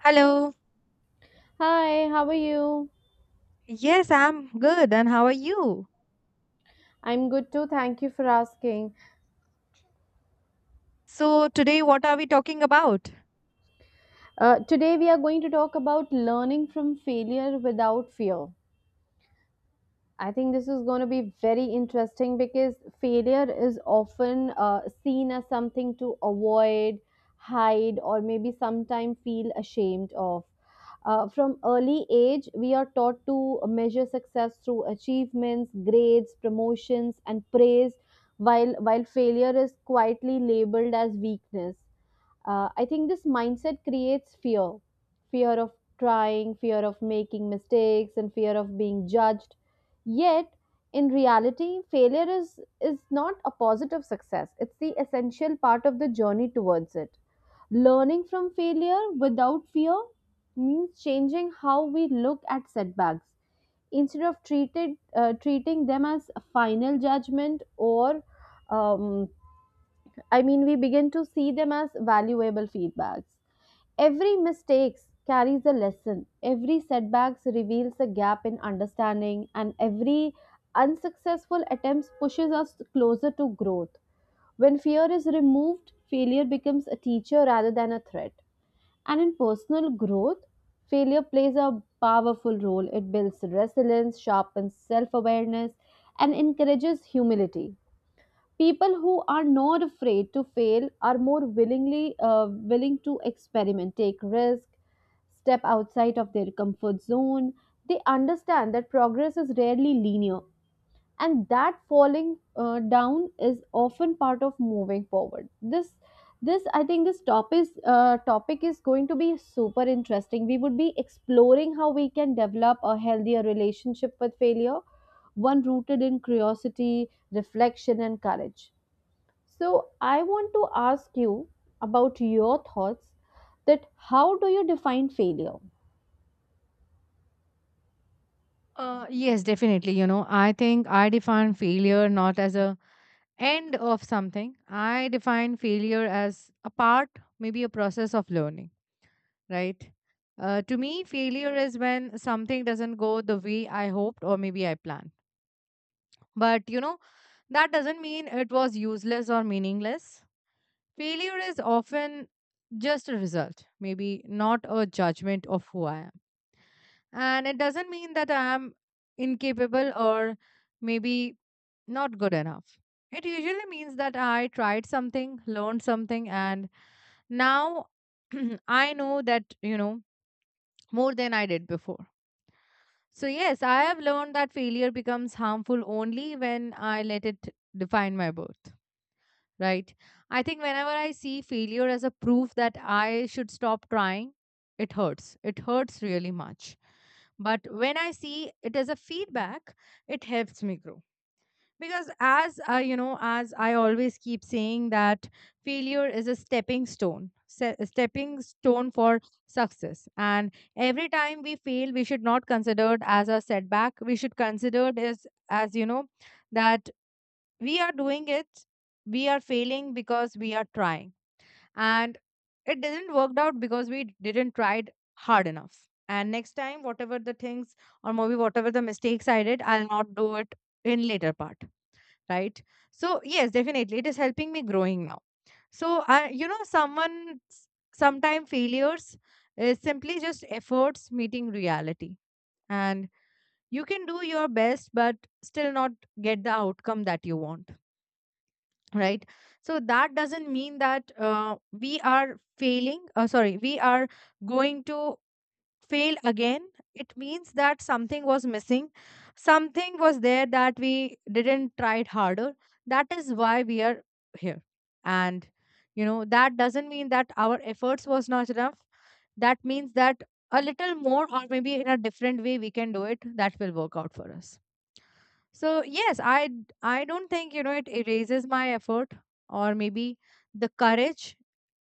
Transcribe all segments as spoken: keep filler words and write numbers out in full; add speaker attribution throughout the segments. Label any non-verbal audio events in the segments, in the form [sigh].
Speaker 1: Hello.
Speaker 2: Hi, how are you?
Speaker 1: Yes, I'm good. And how are you?
Speaker 2: I'm good too. Thank you for asking.
Speaker 1: So, today, what are we talking about?
Speaker 2: Uh, today, we are going to talk about learning from failure without fear. I think this is going to be very interesting because failure is often uh, seen as something to avoid, hide, or maybe sometime feel ashamed of. Uh, from early age, we are taught to measure success through achievements, grades, promotions, and praise, while, while failure is quietly labeled as weakness. Uh, I think this mindset creates fear fear of trying, fear of making mistakes, and fear of being judged. Yet, in reality, failure is, is not opposite of success, it's the essential part of the journey towards it. Learning from failure without fear means changing how we look at setbacks. Instead of treated, uh, treating them as a final judgment or um, I mean, we begin to see them as valuable feedbacks. Every mistake carries a lesson. Every setback reveals a gap in understanding, and every unsuccessful attempt pushes us closer to growth. When fear is removed, failure becomes a teacher rather than a threat. And in personal growth, failure plays a powerful role. It builds resilience, sharpens self awareness, and encourages humility. People who are not afraid to fail are more willingly uh, willing to experiment, take risk, step outside of their comfort zone. They understand that progress is rarely linear, and that falling uh, down is often part of moving forward. This this i think this topic is, uh, topic is going to be super interesting. We would be exploring how we can develop a healthier relationship with failure, one rooted in curiosity, reflection, and courage. So I want to ask you about your thoughts, that how do you define failure?
Speaker 1: Uh, yes, definitely. You know, I think I define failure not as a end of something. I define failure as a part, maybe a process of learning, right? Uh, to me, failure is when something doesn't go the way I hoped or maybe I planned. But you know, that doesn't mean it was useless or meaningless. Failure is often just a result, maybe not a judgment of who I am. And it doesn't mean that I am incapable or maybe not good enough. It usually means that I tried something, learned something, and now [clears throat] I know that, you know, more than I did before. So, yes, I have learned that failure becomes harmful only when I let it define my worth. Right? I think whenever I see failure as a proof that I should stop trying, it hurts. It hurts really much. But when I see it as a feedback, it helps me grow. Because as I, you know, as I always keep saying that failure is a stepping stone, se- a stepping stone for success. And every time we fail, we should not consider it as a setback. We should consider it as, as you know, that we are doing it, we are failing because we are trying, and it didn't worked out because we didn't tried hard enough. And next time, whatever the things or maybe whatever the mistakes I did, I'll not do it in later part, right? So yes, definitely it is helping me growing now. So i, you know, someone, sometime failures is simply just efforts meeting reality. And you can do your best but still not get the outcome that you want, right? So that doesn't mean that uh, we are failing, uh, sorry, we are going to fail again. It means that something was missing, something was there that we didn't try it harder. That is why we are here. And you know that doesn't mean that our efforts was not enough. That means that a little more or maybe in a different way we can do it, that will work out for us. So yes, I d- I don't think, you know, it erases my effort or maybe the courage,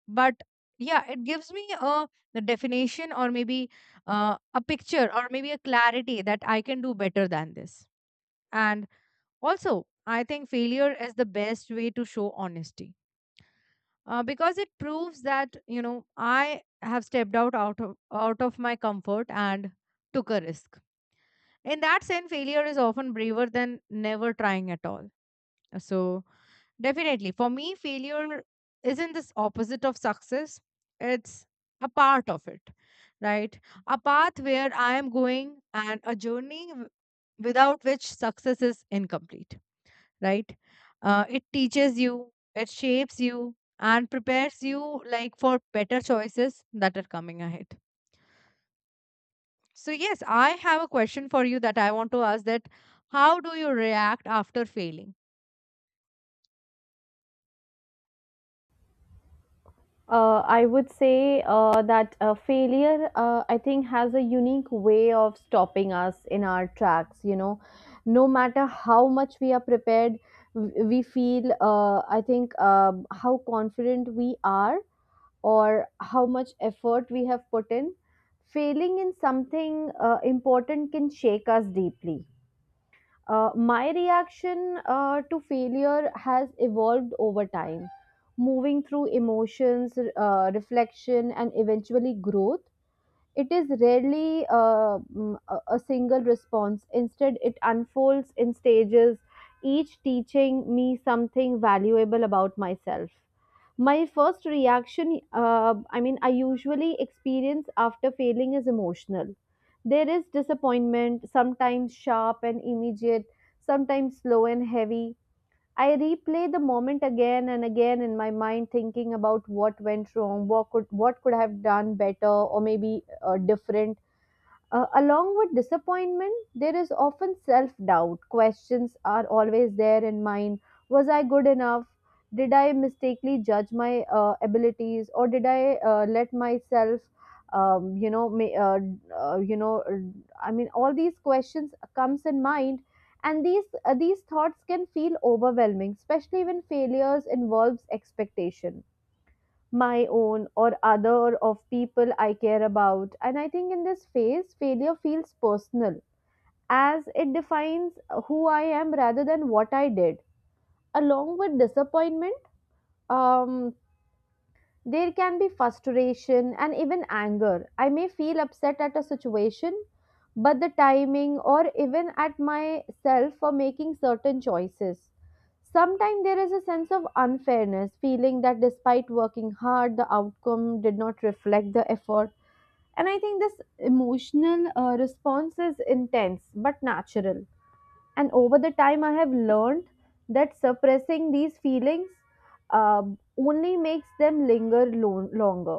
Speaker 1: but yeah, it gives me a the definition or maybe uh, a picture or maybe a clarity that I can do better than this. And also, I think failure is the best way to show honesty, uh, because it proves that you know I have stepped out out of out of my comfort and took a risk. In that sense, failure is often braver than never trying at all. So definitely. For me, failure isn't this opposite of success, it's a part of it, right? A path where I am going and a journey w- without which success is incomplete, right? Uh, it teaches you, it shapes you, and prepares you like for better choices that are coming ahead. So yes, I have a question for you that I want to ask, that how do you react after failing?
Speaker 2: Uh, I would say uh, that uh, failure, uh, I think, has a unique way of stopping us in our tracks. You know, no matter how much we are prepared, w- we feel, uh, I think, um how confident we are or how much effort we have put in, failing in something uh, important can shake us deeply. Uh, my reaction uh, to failure has evolved over time, moving through emotions, uh, reflection, and eventually growth. It is rarely uh, mm, a a single response. Instead, it unfolds in stages, each teaching me something valuable about myself. My first reaction, uh, I mean, I usually experience after failing is emotional. There is disappointment, sometimes sharp and immediate, sometimes slow and heavy. I replay the moment again and again in my mind, thinking about what went wrong, what could what could I have done better, or maybe uh, different. Uh, along with disappointment, there is often self doubt. Questions are always there in mind. Was I good enough? Did I mistakenly judge my uh, abilities, or did I uh, let myself, um, you know, ma- uh, uh, you know, uh, I mean, all these questions comes in mind, and these uh, these thoughts can feel overwhelming, especially when failures involves expectation, my own or other or of people I care about. And I think in this phase, failure feels personal, as it defines who I am rather than what I did. Along with disappointment, um, there can be frustration and even anger. I may feel upset at a situation, but the timing or even at myself for making certain choices. Sometimes there is a sense of unfairness, feeling that despite working hard, the outcome did not reflect the effort. And I think this emotional uh, response is intense but natural, and over the time I have learned that suppressing these feelings uh, only makes them linger lo- longer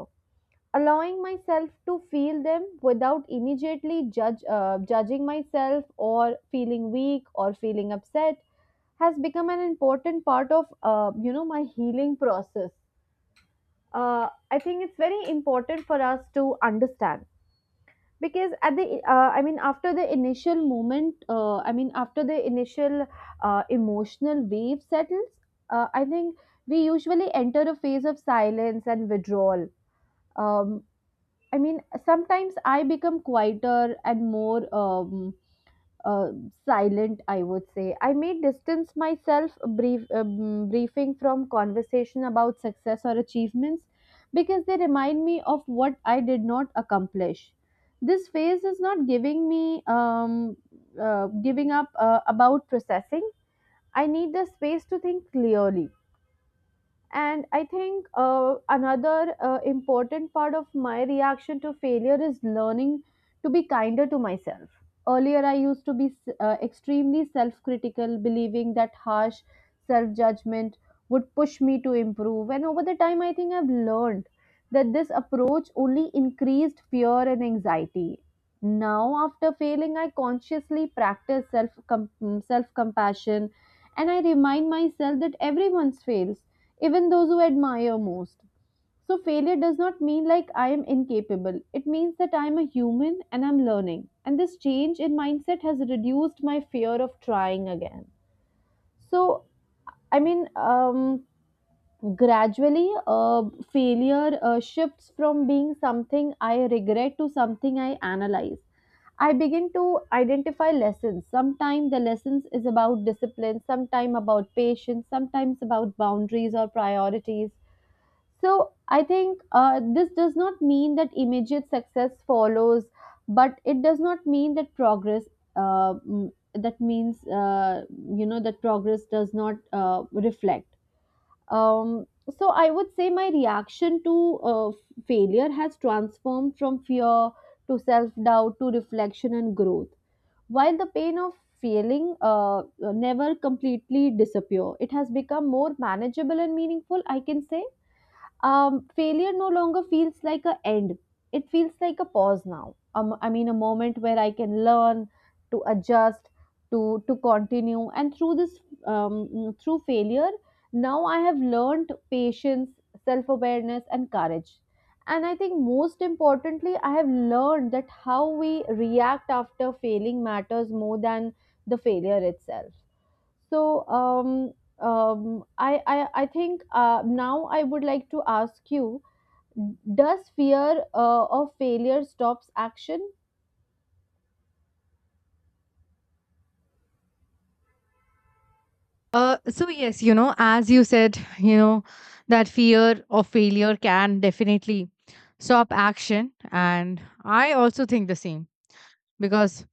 Speaker 2: Allowing myself to feel them without immediately judge uh, judging myself or feeling weak or feeling upset has become an important part of uh, you know my healing process. uh, I think it's very important for us to understand, because at the uh, i mean after the initial moment, uh, i mean after the initial uh, emotional wave settles, uh, I think we usually enter a phase of silence and withdrawal. um, i mean Sometimes I become quieter and more um, uh, silent, I would say. I may distance myself brief um, briefing from conversation about success or achievements, because they remind me of what I did not accomplish. This phase is not giving me um, uh, giving up uh, about processing. I need the space to think clearly. And I think uh, another uh, important part of my reaction to failure is learning to be kinder to myself. Earlier, I used to be uh, extremely self critical, believing that harsh self judgment would push me to improve. And over the time, I think I've learned that this approach only increased fear and anxiety. Now, after failing, I consciously practice self self compassion, and I remind myself that everyone's fails, even those who admire most. So, failure does not mean like I am incapable. It means that I am a human and I'm learning. And this change in mindset has reduced my fear of trying again. So, I mean, um, gradually, uh, failure uh, shifts from being something I regret to something I analyze. I begin to identify lessons. Sometimes the lessons is about discipline, sometimes about patience, sometimes about boundaries or priorities. So I think uh, this does not mean that immediate success follows, but it does not mean that progress. Uh, mm, that means uh, you know that progress does not uh, reflect. Um, so I would say my reaction to uh, failure has transformed from fear to self doubt to reflection and growth. While the pain of failing uh, uh, never completely disappear, it has become more manageable and meaningful. I can say um, failure no longer feels like a end. It feels like a pause now. Um, I mean, a moment where I can learn to adjust, to to continue, and through this, um, mm, through failure, now I have learned patience, self awareness, and courage. And I think most importantly, I have learned that how we react after failing matters more than the failure itself. So um, um, I, I I think uh, now I would like to ask you: Does fear uh, of failure stops action?
Speaker 1: Uh, so yes, you know, as you said, you know, that fear of failure can definitely stop action, and I also think the same, because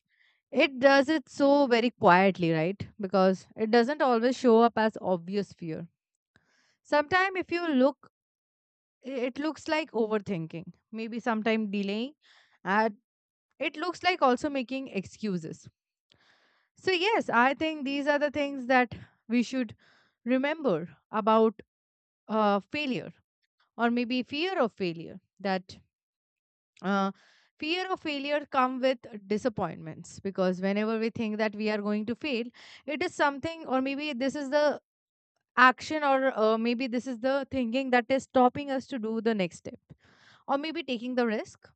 Speaker 1: it does it so very quietly, right? Because it doesn't always show up as obvious fear. Sometimes, if you look, i- it looks like overthinking, maybe sometime delaying, and it looks like also making excuses. So yes, I think these are the things that we should remember about uh, failure or maybe fear of failure, that uh, fear of failure come with disappointments, because whenever we think that we are going to fail, it is something or maybe this is the action or uh, maybe this is the thinking that is stopping us to do the next step or maybe taking the risk,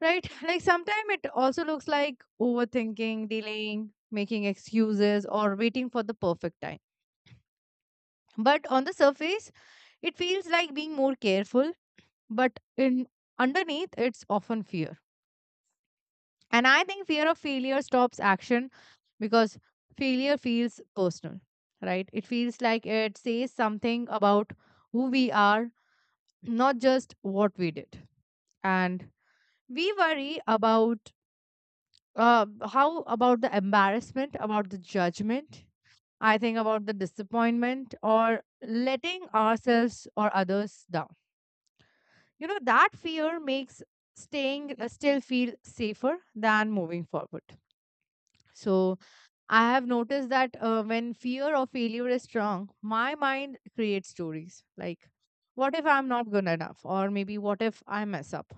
Speaker 1: right? [laughs] Like sometimes it also looks like overthinking, delaying, making excuses, or waiting for the perfect time. But on the surface it feels like being more careful, but in underneath it's often fear. And I think fear of failure stops action because failure feels personal, right? It feels like it says something about who we are, not just what we did. And we worry about, uh, how about the embarrassment, about the judgment, I think about the disappointment or letting ourselves or others down. You know, that fear makes staying uh, still feel safer than moving forward. So, I have noticed that uh, when fear or failure is strong, my mind creates stories like, what if I'm not good enough? Or maybe, what if I mess up?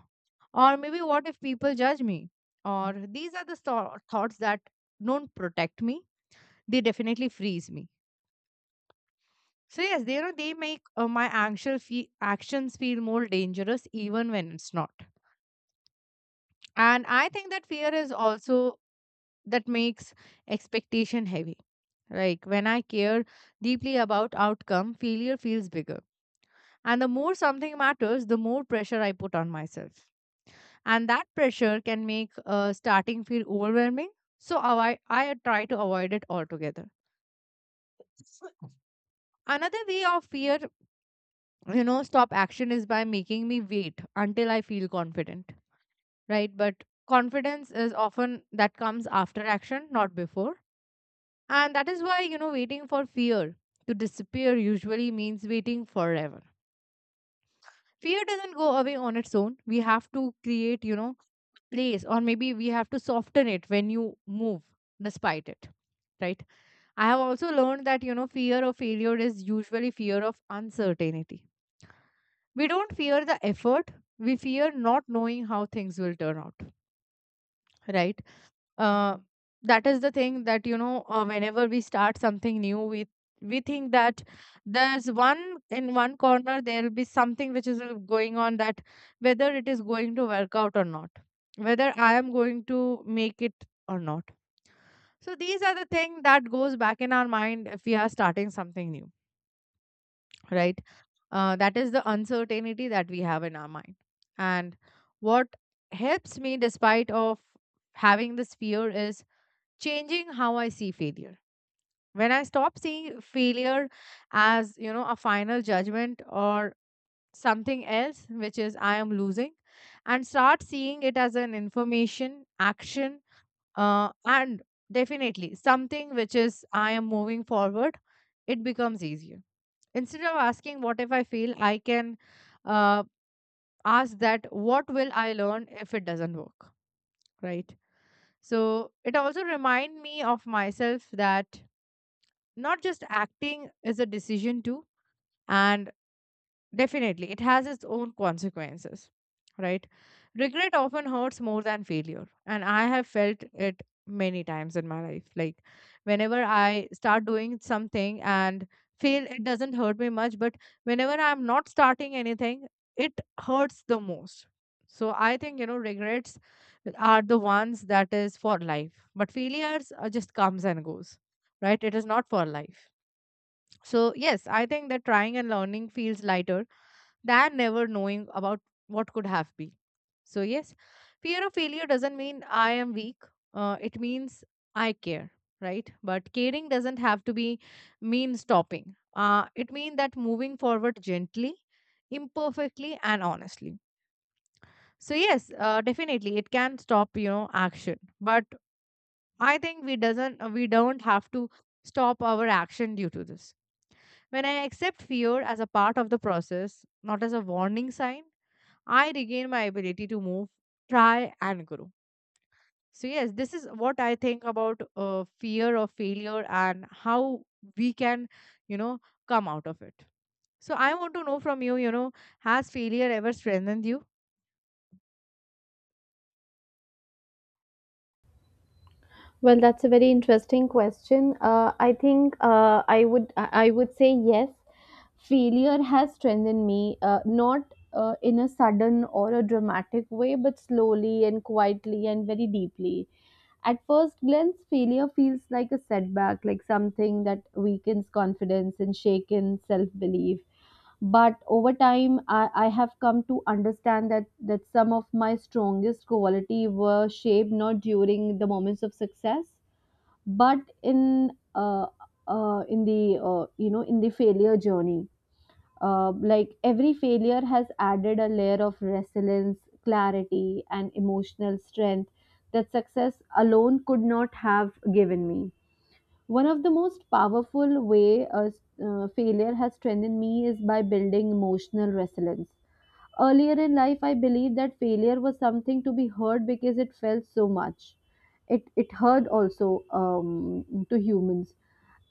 Speaker 1: Or maybe, what if people judge me? Or these are the thou- thoughts that don't protect me, they definitely freeze me. So, yes, they, you know, they make uh, my actual fe- actions feel more dangerous even when it's not. And I think that fear is also that makes expectation heavy. Like when I care deeply about outcome, failure feels bigger. And the more something matters, the more pressure I put on myself. And that pressure can make uh, starting feel overwhelming. So avoid, I try to avoid it altogether. Another way of fear, you know, stop action is by making me wait until I feel confident, right? But confidence is often that comes after action, not before. And that is why, you know, waiting for fear to disappear usually means waiting forever. Fear doesn't go away on its own. We have to create, you know, place or maybe we have to soften it when you move despite it. Right. I have also learned that, you know, fear of failure is usually fear of uncertainty. We don't fear the effort, we fear not knowing how things will turn out. Right. Uh, that is the thing that you know, uh, whenever we start something new, we we think that there's one in one corner there'll be something which is uh, going on, that whether it is going to work out or not, whether I am going to make it or not. So these are the thing that goes back in our mind if we are starting something new, right? Uh, that is the uncertainty that we have in our mind. And what helps me despite of having this fear is changing how I see failure. When I stop seeing failure as, you know, a final judgment or something else, which is I am losing, and start seeing it as an information, action, uh, and definitely something which is I am moving forward, it becomes easier. Instead of asking, what if I fail, I can uh, ask that, what will I learn if it doesn't work? Right. So it also remind me of myself that not just acting is a decision too, and definitely it has its own consequences, right? Regret often hurts more than failure, and I have felt it many times in my life, like whenever I start doing something and fail, it doesn't hurt me much. But whenever I'm not starting anything, it hurts the most. So I think, you know, regrets are the ones that is for life, but failures are just comes and goes, right? It is not for life. So, yes, I think that trying and learning feels lighter than never knowing about what could have been. So, yes, fear of failure doesn't mean I am weak, uh, it means I care, right? But caring doesn't have to be mean stopping. Uh, it means that moving forward gently, imperfectly, and honestly. So, yes, uh, definitely it can stop, you know, action. But I think we doesn't uh, we don't have to stop our action due to this. When I accept fear as a part of the process, not as a warning sign, I regain my ability to move, try, and grow. So, yes, this is what I think about uh, fear of failure and how we can, you know, come out of it. So I want to know from you, you know, has failure ever strengthened you?
Speaker 2: Well, that's a very interesting question. Uh, I think uh, I would I I would say yes. Failure has strengthened me, uh, not uh, in a sudden or a dramatic way, but slowly and quietly and very deeply. At first glance, failure feels like a setback, like something that weakens confidence and shakens self belief, but over time I, I have come to understand that that some of my strongest quality were shaped not during the moments of success, but in uh, uh, in the uh, you know in the failure journey. Uh, like every failure has added a layer of resilience, clarity, and emotional strength that success alone could not have given me. One of the most powerful way a s- uh, failure has strengthened me is by building emotional resilience. Earlier in life, I believed that failure was something to be heard because it felt so much. It it hurt also um, to humans.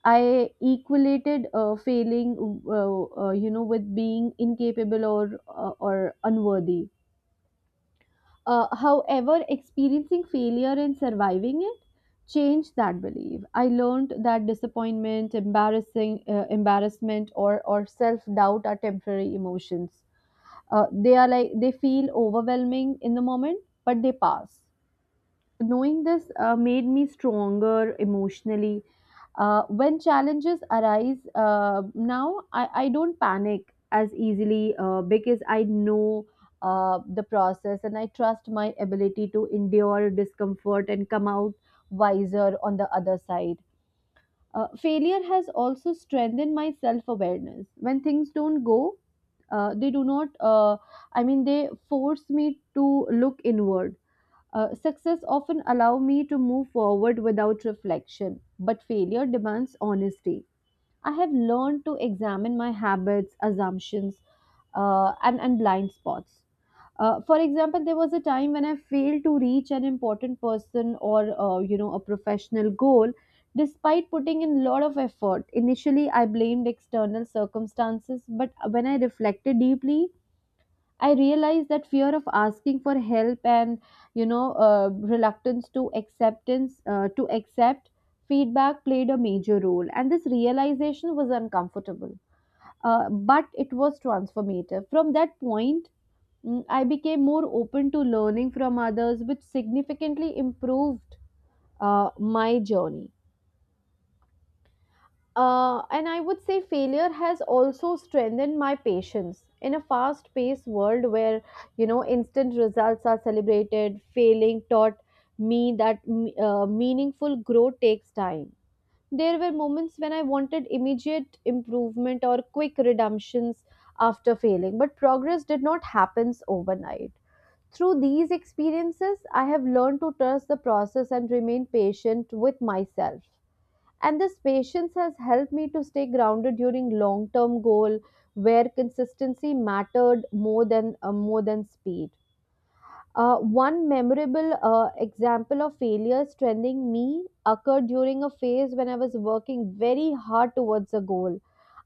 Speaker 2: I equated uh, failing, uh, uh, you know, with being incapable or uh, or unworthy. Uh, however, experiencing failure and surviving it changed that belief. I learned that disappointment, embarrassing, uh, embarrassment, or or self doubt are temporary emotions. Uh, they are like they feel overwhelming in the moment, but they pass. Knowing this uh, made me stronger emotionally. Uh, when challenges arise, uh, now I, I don't panic as easily uh, because I know uh, the process, and I trust my ability to endure discomfort and come out wiser on the other side. Uh, failure has also strengthened my self awareness. When things don't go, uh, they do not, uh, I mean, they force me to look inward. Uh, success often allow me to move forward without reflection, but failure demands honesty. I have learned to examine my habits, assumptions, uh, and, and blind spots. Uh, for example, there was a time when I failed to reach an important person or uh, you know a professional goal, despite putting in a lot of effort. Initially, I blamed external circumstances, but when I reflected deeply, I realized that fear of asking for help and you know uh, reluctance to acceptance uh, to accept feedback played a major role, and this realization was uncomfortable, uh, but it was transformative. From that point, mm, I became more open to learning from others, which significantly improved uh, my journey. Uh, and I would say failure has also strengthened my patience. In a fast paced world where, you know, instant results are celebrated, failing taught me that uh, meaningful growth takes time. There were moments when I wanted immediate improvement or quick redemptions after failing, but progress did not happen overnight. Through these experiences, I have learned to trust the process and remain patient with myself, and this patience has helped me to stay grounded during long term goal where consistency mattered more than uh, more than speed. Uh, one memorable uh, example of failure strengthening me occurred during a phase when I was working very hard towards a goal.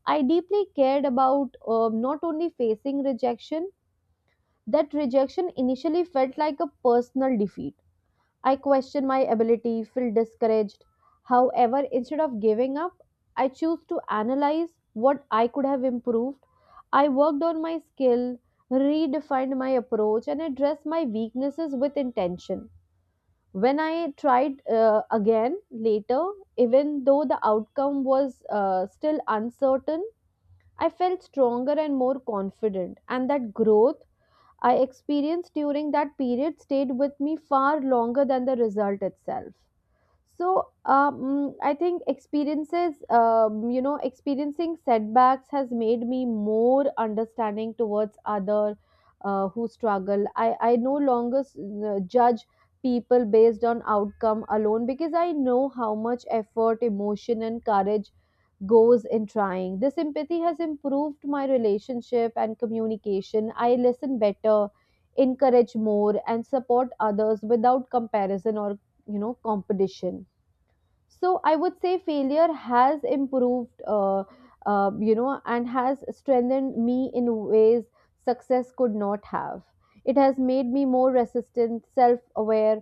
Speaker 2: I deeply cared about, uh, not only facing rejection, that rejection initially felt like a personal defeat. I question my ability, feel discouraged. However, instead of giving up, I choose to analyze what I could have improved. I worked on my skill, redefined my approach, and addressed my weaknesses with intention. When I tried uh, again later, even though the outcome was uh, still uncertain, I felt stronger and more confident, and that growth I experienced during that period stayed with me far longer than the result itself. So um, I think experiences, um, you know experiencing setbacks has made me more understanding towards other uh, who struggle. I i no longer s- uh, judge people based on outcome alone because I know how much effort, emotion, and courage goes in trying. This empathy has improved my relationship and communication. I listen better, encourage more, and support others without comparison or you know competition. So I would say failure has improved, uh, uh, you know and has strengthened me in ways success could not have. It has made me more resistant, self-aware,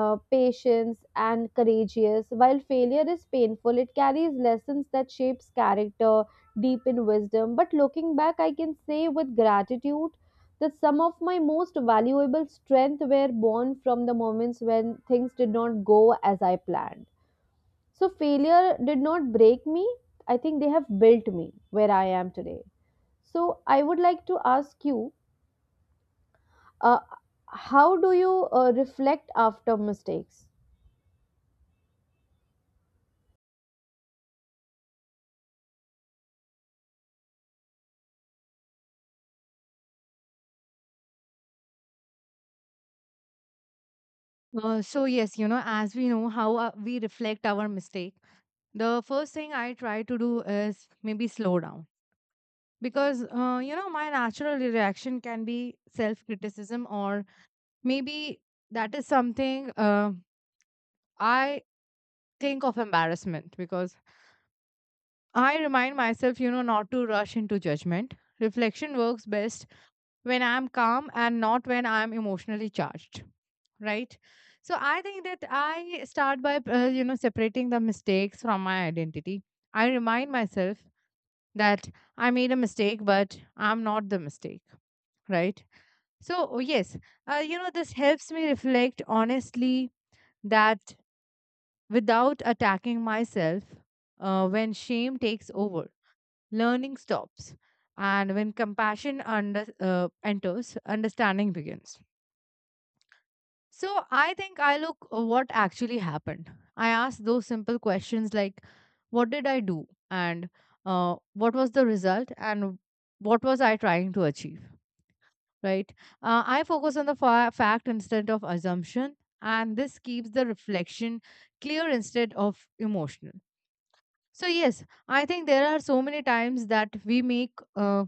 Speaker 2: uh, patient, and courageous. While failure is painful, it carries lessons that shapes character deep in wisdom. But looking back, I can say with gratitude that some of my most valuable strength were born from the moments when things did not go as I planned. So failure did not break me. I think they have built me where I am today. So I would like to ask you, uh, how do you uh, reflect after mistakes?
Speaker 1: Uh, so yes, you know, as we know how uh, we reflect our mistake, the first thing I try to do is maybe slow down, because uh, you know my natural reaction can be self criticism or maybe that is something, uh, I think of embarrassment. Because I remind myself, you know, not to rush into judgment. Reflection works best when I'm calm and not when I'm emotionally charged, right? So I think that I start by, uh, you know, separating the mistakes from my identity. I remind myself that I made a mistake, but I'm not the mistake, right? So, oh, yes, uh, you know, this helps me reflect honestly, that without attacking myself. Uh, when shame takes over, learning stops. And when compassion under, uh, enters, understanding begins. So I think I look, uh, what actually happened. I ask those simple questions, like what did I do, and uh, what was the result, and what was I trying to achieve, right? Uh, i focus on the fa- fact instead of assumption, and this keeps the reflection clear instead of emotional. So, yes, I think there are so many times that we make uh,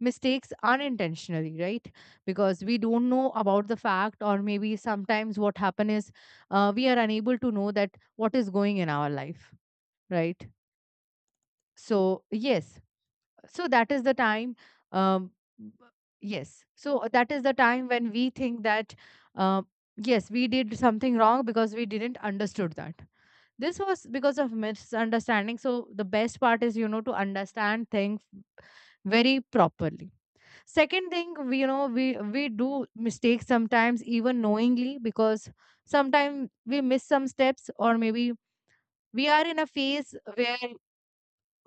Speaker 1: mistakes unintentionally, right? Because we don't know about the fact, or maybe sometimes what happen is, uh, we are unable to know that what is going in our life, right? So, yes, so that is the time. um yes, so uh, that is the time when we think that, uh, yes we did something wrong, because we didn't understood that this was because of misunderstanding. So the best part is, you know, to understand things very properly. Second thing, we, you know, we we do mistakes sometimes even knowingly, because sometimes we miss some steps or maybe we are in a phase where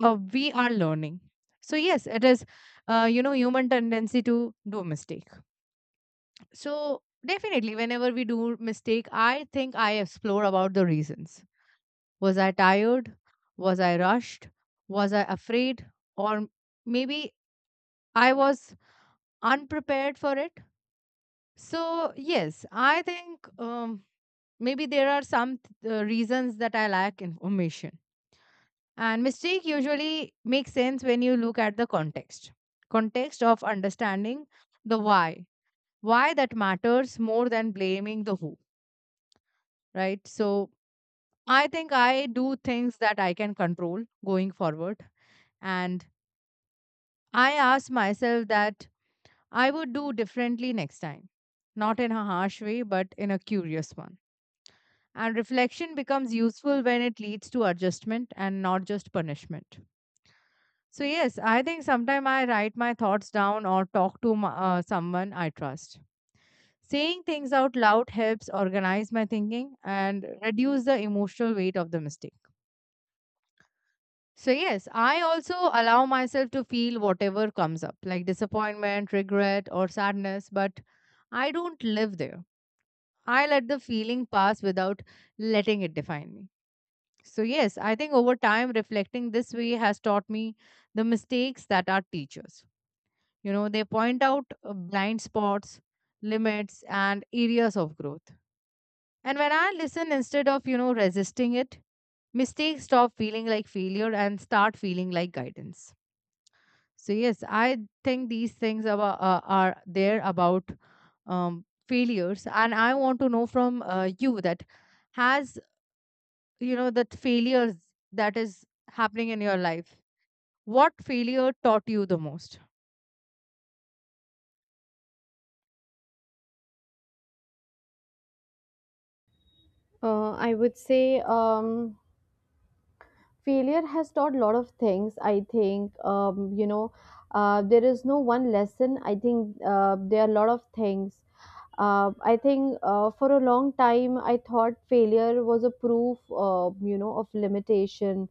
Speaker 1: uh, we are learning. So yes, it is uh, you know human tendency to do mistake. So definitely whenever we do mistake, I think I explore about the reasons. Was I tired? Was I rushed? Was I afraid? or m- Maybe I was unprepared for it. So yes, I think, um, maybe there are some th- uh, reasons that I lack information. And mistake usually makes sense when you look at the context. Context of understanding the why. Why that matters more than blaming the who, right? So I think I do things that I can control going forward. And I ask myself that I would do differently next time. Not in a harsh way, but in a curious one. And reflection becomes useful when it leads to adjustment and not just punishment. So yes, I think sometimes I write my thoughts down or talk to my, uh, someone I trust. Saying things out loud helps organize my thinking and reduce the emotional weight of the mistake. So yes, I also allow myself to feel whatever comes up, like disappointment, regret, or sadness, but I don't live there. I let the feeling pass without letting it define me. So yes, I think over time reflecting this way has taught me the mistakes that are teachers. You know, they point out uh, blind spots, limits, and areas of growth. And when I listen instead of, you know, resisting it, mistakes stop feeling like failure and start feeling like guidance. So, yes, I think these things are, uh, are there about um, failures. And I want to know from uh, you that, has, you know, that failures that is happening in your life, what failure taught you the most?
Speaker 2: Uh, I would say, um, failure has taught a lot of things. I think, um, you know uh, there is no one lesson. I think, uh, there are a lot of things. uh, I think, uh, for a long time I thought failure was a proof uh, you know of limitation.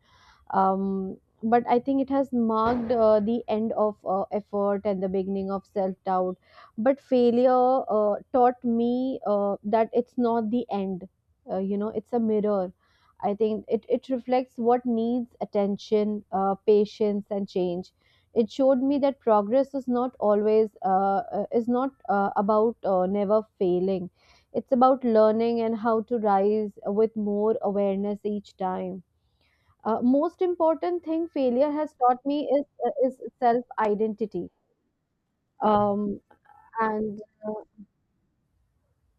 Speaker 2: um, but I think it has marked uh, the end of uh, effort and the beginning of self doubt. But failure uh, taught me uh, that it's not the end. Uh, you know it's a mirror. I think it, it reflects what needs attention, uh, patience, and change. It showed me that progress is not always, uh, uh, is not uh, about uh, never failing. It's about learning and how to rise with more awareness each time. Uh, most important thing failure has taught me is, uh, is self identity. Um, and uh,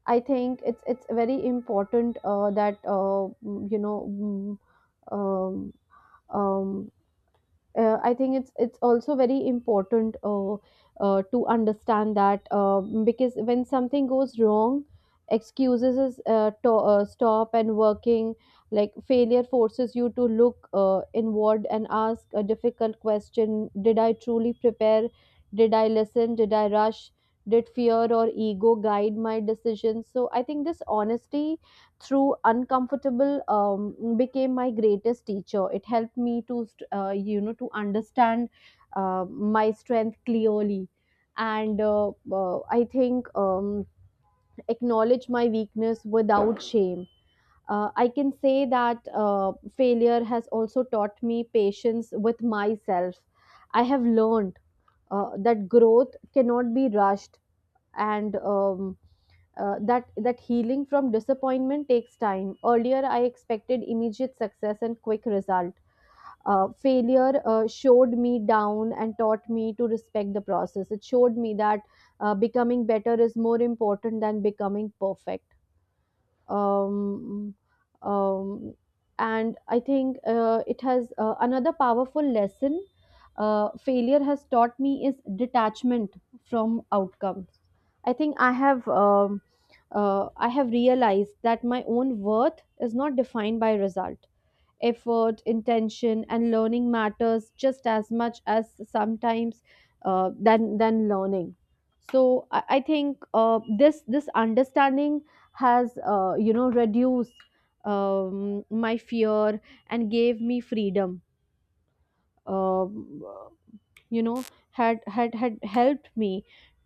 Speaker 2: I think it's it's very important, uh, that uh, mm, you know. Mm, Um, um, uh, I think it's it's also very important uh, uh, to understand that, uh, because when something goes wrong, excuses is uh, to, uh, stop and working. Like failure forces you to look uh, inward and ask a difficult question: Did I truly prepare? Did I listen? Did I rush? Did fear or ego guide my decisions? So I think this honesty through uncomfortable um, became my greatest teacher. It helped me to st- uh, you know to understand uh, my strength clearly, and uh, uh, I think um, acknowledge my weakness without shame. uh, I can say that, uh, failure has also taught me patience with myself. I have learned uh, that growth cannot be rushed, and um, uh, that that healing from disappointment takes time. Earlier, I expected immediate success and quick result. Uh, failure uh, showed me down and taught me to respect the process. It showed me that, uh, becoming better is more important than becoming perfect. um, um, and I think, uh, it has, uh, another powerful lesson uh, failure has taught me is detachment from outcomes. I think I have, um, uh, I have realized that my own worth is not defined by result. Effort, intention, and learning matters just as much as sometimes, uh, than than learning. So I, I think, uh, this this understanding has, uh, you know reduced um, my fear and gave me freedom. Um you know had had had helped me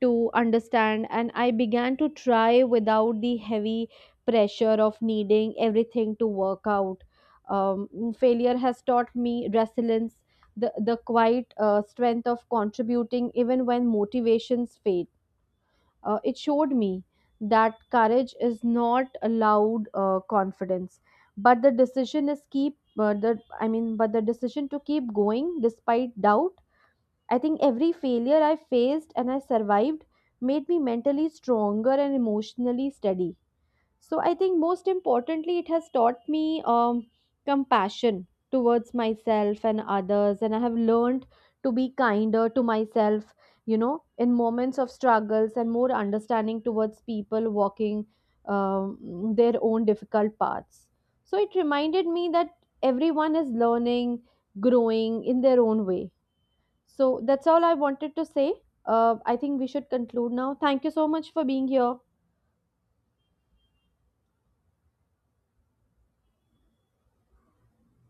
Speaker 2: to understand, and I began to try without the heavy pressure of needing everything to work out. um, Failure has taught me resilience, the, the quiet uh, strength of contributing even when motivations fade. Uh, it showed me that courage is not allowed, uh, confidence, but the decision is keep uh, the I mean but the decision to keep going despite doubt. I think every failure I faced and I survived made me mentally stronger and emotionally steady. So I think most importantly, it has taught me um, compassion towards myself and others, and I have learned to be kinder to myself, you know, in moments of struggles and more understanding towards people walking um, their own difficult paths. So it reminded me that everyone is learning, growing in their own way. So that's all I wanted to say. Uh, I think we should conclude now. Thank you so much for being here.